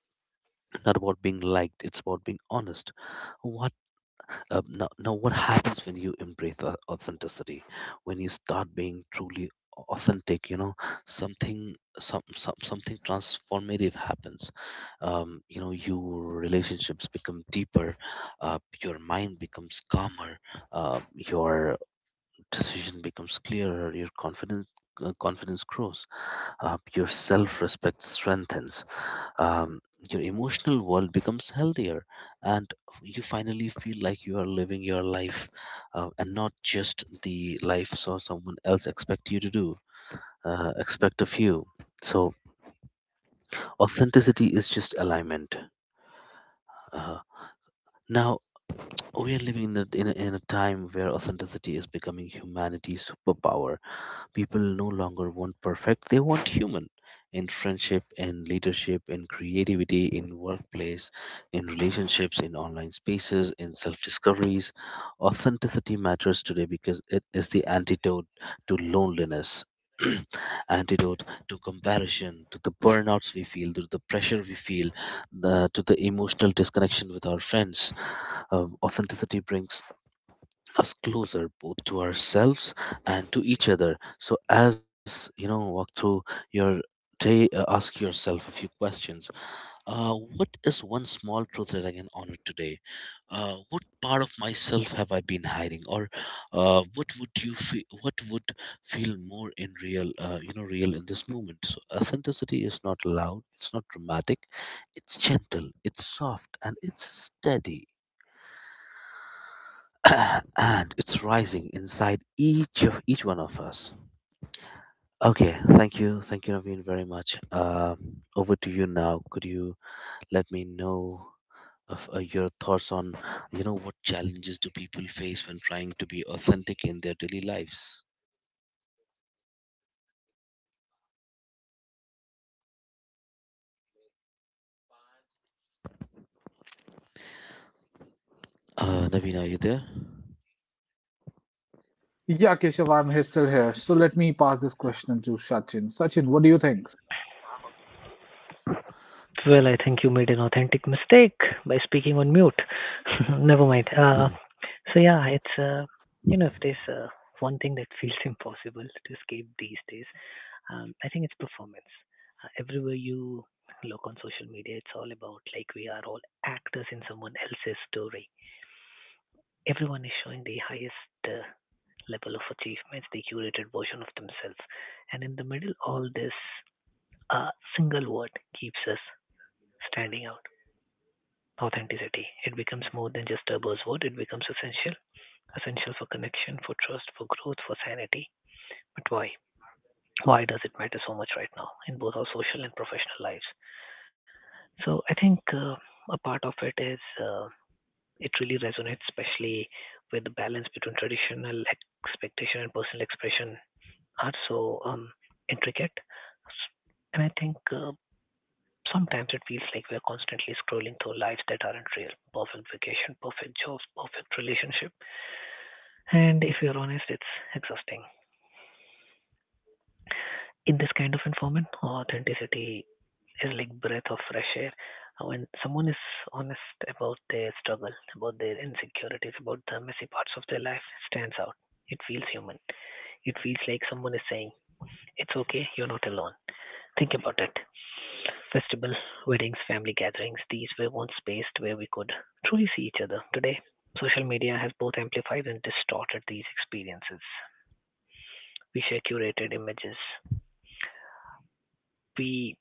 not about being liked, it's about being honest. What uh, Now, now what happens when you embrace au- authenticity? When you start being truly authentic, you know, something some, some something transformative happens. Um, you know, your relationships become deeper, uh, your mind becomes calmer, uh, your decision becomes clearer, your confidence, uh, confidence grows, uh, your self-respect strengthens, um, your emotional world becomes healthier, and f- you finally feel like you are living your life, uh, and not just the life so someone else expect you to do, uh, expect of you. So authenticity is just alignment. uh, Now, we are living in a, in, a, in a time where authenticity is becoming humanity's superpower. People no longer want perfect, they want human. In friendship, in leadership, in creativity, in workplace, in relationships, in online spaces, in self discoveries. Authenticity matters today because it is the antidote to loneliness. Antidote to comparison, to the burnouts we feel, to the pressure we feel, the, to the emotional disconnection with our friends. Um, authenticity brings us closer both to ourselves and to each other. So, as you know, walk through your day, uh, ask yourself a few questions. Uh, what is one small truth that I can honor today? Uh, what part of myself have I been hiding? Or uh, What would you feel? What would feel more in real, uh, you know, real in this moment? So, authenticity is not loud. It's not dramatic. It's gentle. It's soft, and it's steady, and it's rising inside each of each one of us. Okay, thank you, thank you, Naveen, very much. Um, over to you now. Could you let me know of uh, your thoughts on, you know, what challenges do people face when trying to be authentic in their daily lives? Uh, Naveen, are you there?
Yeah, Keshav, I'm he- still here. So let me pass this question to Sachin. Sachin, what do you think?
Well, I think you made an authentic mistake by speaking on mute. Never mind. Uh, so yeah, it's uh, you know if there's uh, one thing that feels impossible to escape these days, um, I think it's performance. Uh, everywhere you look on social media, it's all about like we are all actors in someone else's story. Everyone is showing the highest uh, level of achievements, the curated version of themselves, and in the middle, all this uh, single word keeps us standing out. Authenticity. It becomes more than just a buzzword, it becomes essential. Essential for connection, for trust, for growth, for sanity. But why? Why does it matter so much right now in both our social and professional lives? So I think uh, a part of it is uh, it really resonates, especially where the balance between traditional expectation and personal expression are so um, intricate. And I think uh, sometimes it feels like we're constantly scrolling through lives that aren't real. Perfect vacation, perfect jobs, perfect relationship. And if you're honest, it's exhausting. In this kind of environment, authenticity is like breath of fresh air. Uh, When someone is honest about their struggle, about their insecurities, about the messy parts of their life, stands out. It feels human. It feels like someone is saying, "It's okay, you're not alone." Think about it. Festival, weddings, family gatherings, these were once spaced where we could truly see each other. Today, social media has both amplified and distorted these experiences. We share curated images. We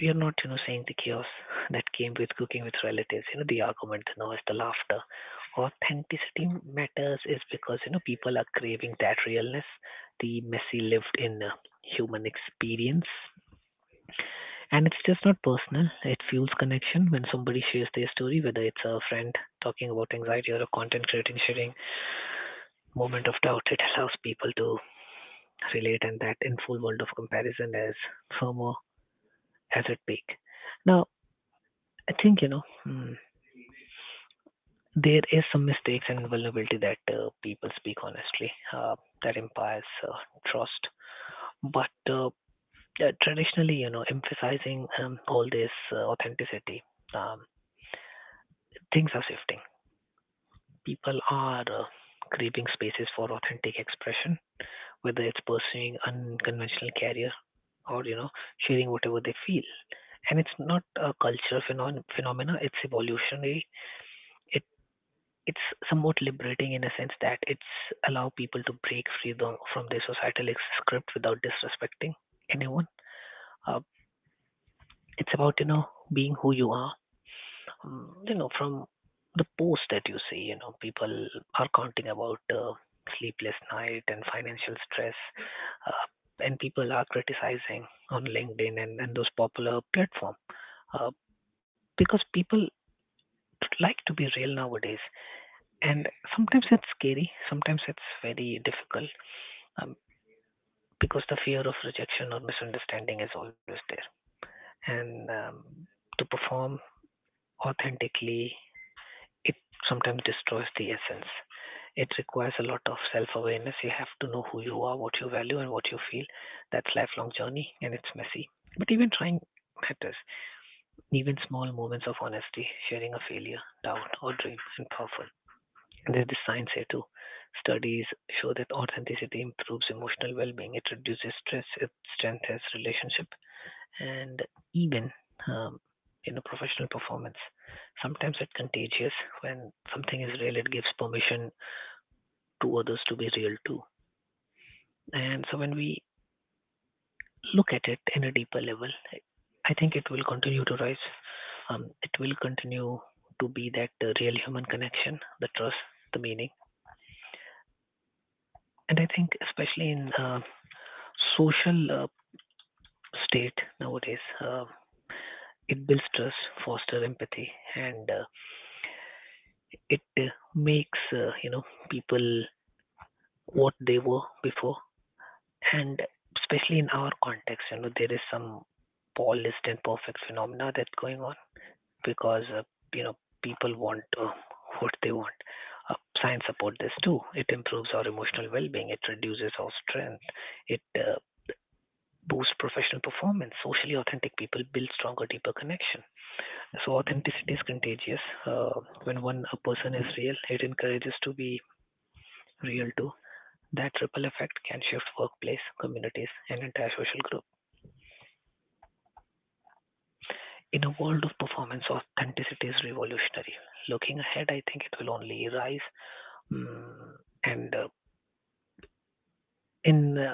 we are not, you know, saying the chaos that came with cooking with relatives, you know, the argument, the noise, the laughter. Authenticity matters is because, you know, people are craving that realness, the messy lived in uh, human experience. And it's just not personal. It fuels connection when somebody shares their story, whether it's a friend talking about anxiety or a content creator sharing moment of doubt. It allows people to relate, and that in full world of comparison as FOMO has it peak. Now, I think you know mm, there is some mistakes and vulnerability that uh, people speak honestly uh, that implies uh, trust, but uh, uh, traditionally, you know, emphasizing um, all this uh, authenticity, um, things are shifting. People are uh, craving spaces for authentic expression, whether it's pursuing unconventional career or you know sharing whatever they feel. And it's not a cultural phenom- phenomena; it's evolutionary. It it's somewhat liberating in a sense that it's allow people to break free tho- from their societal ex- script without disrespecting anyone. Uh, it's about you know being who you are mm, you know, from the post that you see, you know, people are counting about uh, sleepless night and financial stress, uh, and people are criticizing on LinkedIn and, and those popular platform uh, because people like to be real nowadays. And sometimes it's scary, sometimes it's very difficult um, because the fear of rejection or misunderstanding is always there. And um, to perform authentically it sometimes destroys the essence. It requires a lot of self-awareness. You have to know who you are, what you value, and what you feel. That's a lifelong journey, and it's messy. But even trying matters. Even small moments of honesty, sharing a failure, doubt, or dream, and powerful. And there's the science here too. Studies show that authenticity improves emotional well-being. It reduces stress. It strengthens relationship and even um, you know professional performance. Sometimes it's contagious when something is real, it gives permission to others to be real too. And so when we look at it in a deeper level, I think it will continue to rise. Um, it will continue to be that uh, real human connection, the trust, the meaning. And I think especially in uh, social uh, state nowadays, uh, it builds trust, fosters empathy, and uh, it uh, makes uh, you know people what they were before, and especially in our context, you know there is some polished and perfect phenomena that's going on because uh, you know people want uh, what they want. Uh, science support this too. It improves our emotional well-being, it reduces our strength, it uh, boosts professional performance. Socially authentic people build stronger deeper connection, so authenticity is contagious. uh, when one a person is real, it encourages to be real too. That ripple effect can shift workplace, communities, and entire social group. In a world of performance, authenticity is revolutionary. Looking ahead, I think it will only rise. Mm, and uh, In uh,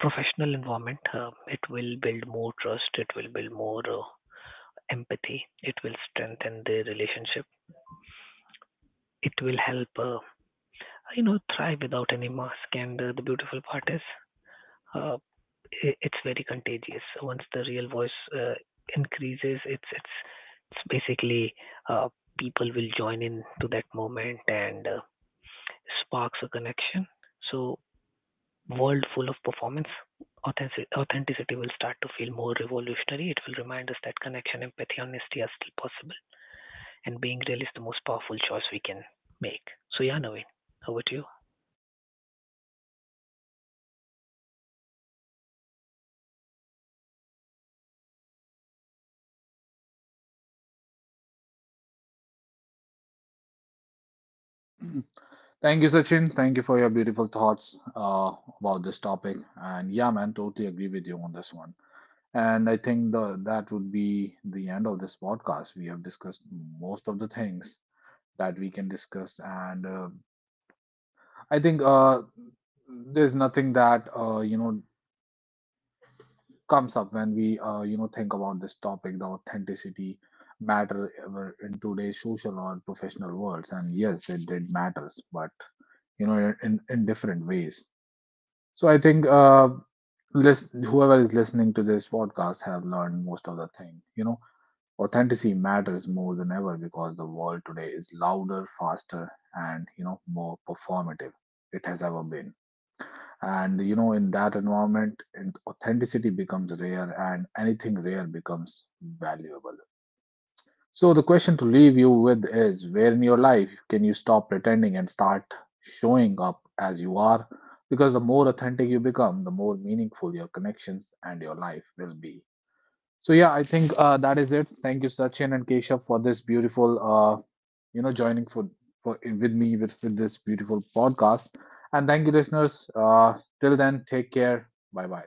professional environment, uh, it will build more trust. It will build more uh, empathy. It will strengthen the relationship. It will help, uh, you know, thrive without any mask. And uh, the beautiful part is, uh, I it's very contagious. So once the real voice uh, increases, it's it's it's basically uh, people will join in to that moment, and uh, sparks a connection. So world full of performance, authentic- authenticity will start to feel more revolutionary. It will remind us that connection, empathy, honesty are still possible, and being real is the most powerful choice we can make. So yeah, Naveen, over to you.
Thank you, Sachin. Thank you for your beautiful thoughts uh, about this topic. And yeah, man, totally agree with you on this one. And I think the, that would be the end of this podcast. We have discussed most of the things that we can discuss. And uh, I think uh, there's nothing that, uh, you know, comes up when we uh, you know think about this topic, the authenticity matter ever in today's social or professional worlds, and yes it did matters but you know in, in in different ways. So I think uh list, whoever is listening to this podcast have learned most of the thing. you know authenticity matters more than ever because the world today is louder, faster and you know more performative it has ever been. And you know, in that environment, and authenticity becomes rare, and anything rare becomes valuable. So the question to leave you with is: where in your life can you stop pretending and start showing up as you are? Because the more authentic you become, the more meaningful your connections and your life will be. So yeah, I think uh, that is it. Thank you, Sachin and Keshav, for this beautiful, uh, you know, joining for for with me with with this beautiful podcast. And thank you, listeners. Uh, till then, take care. Bye bye.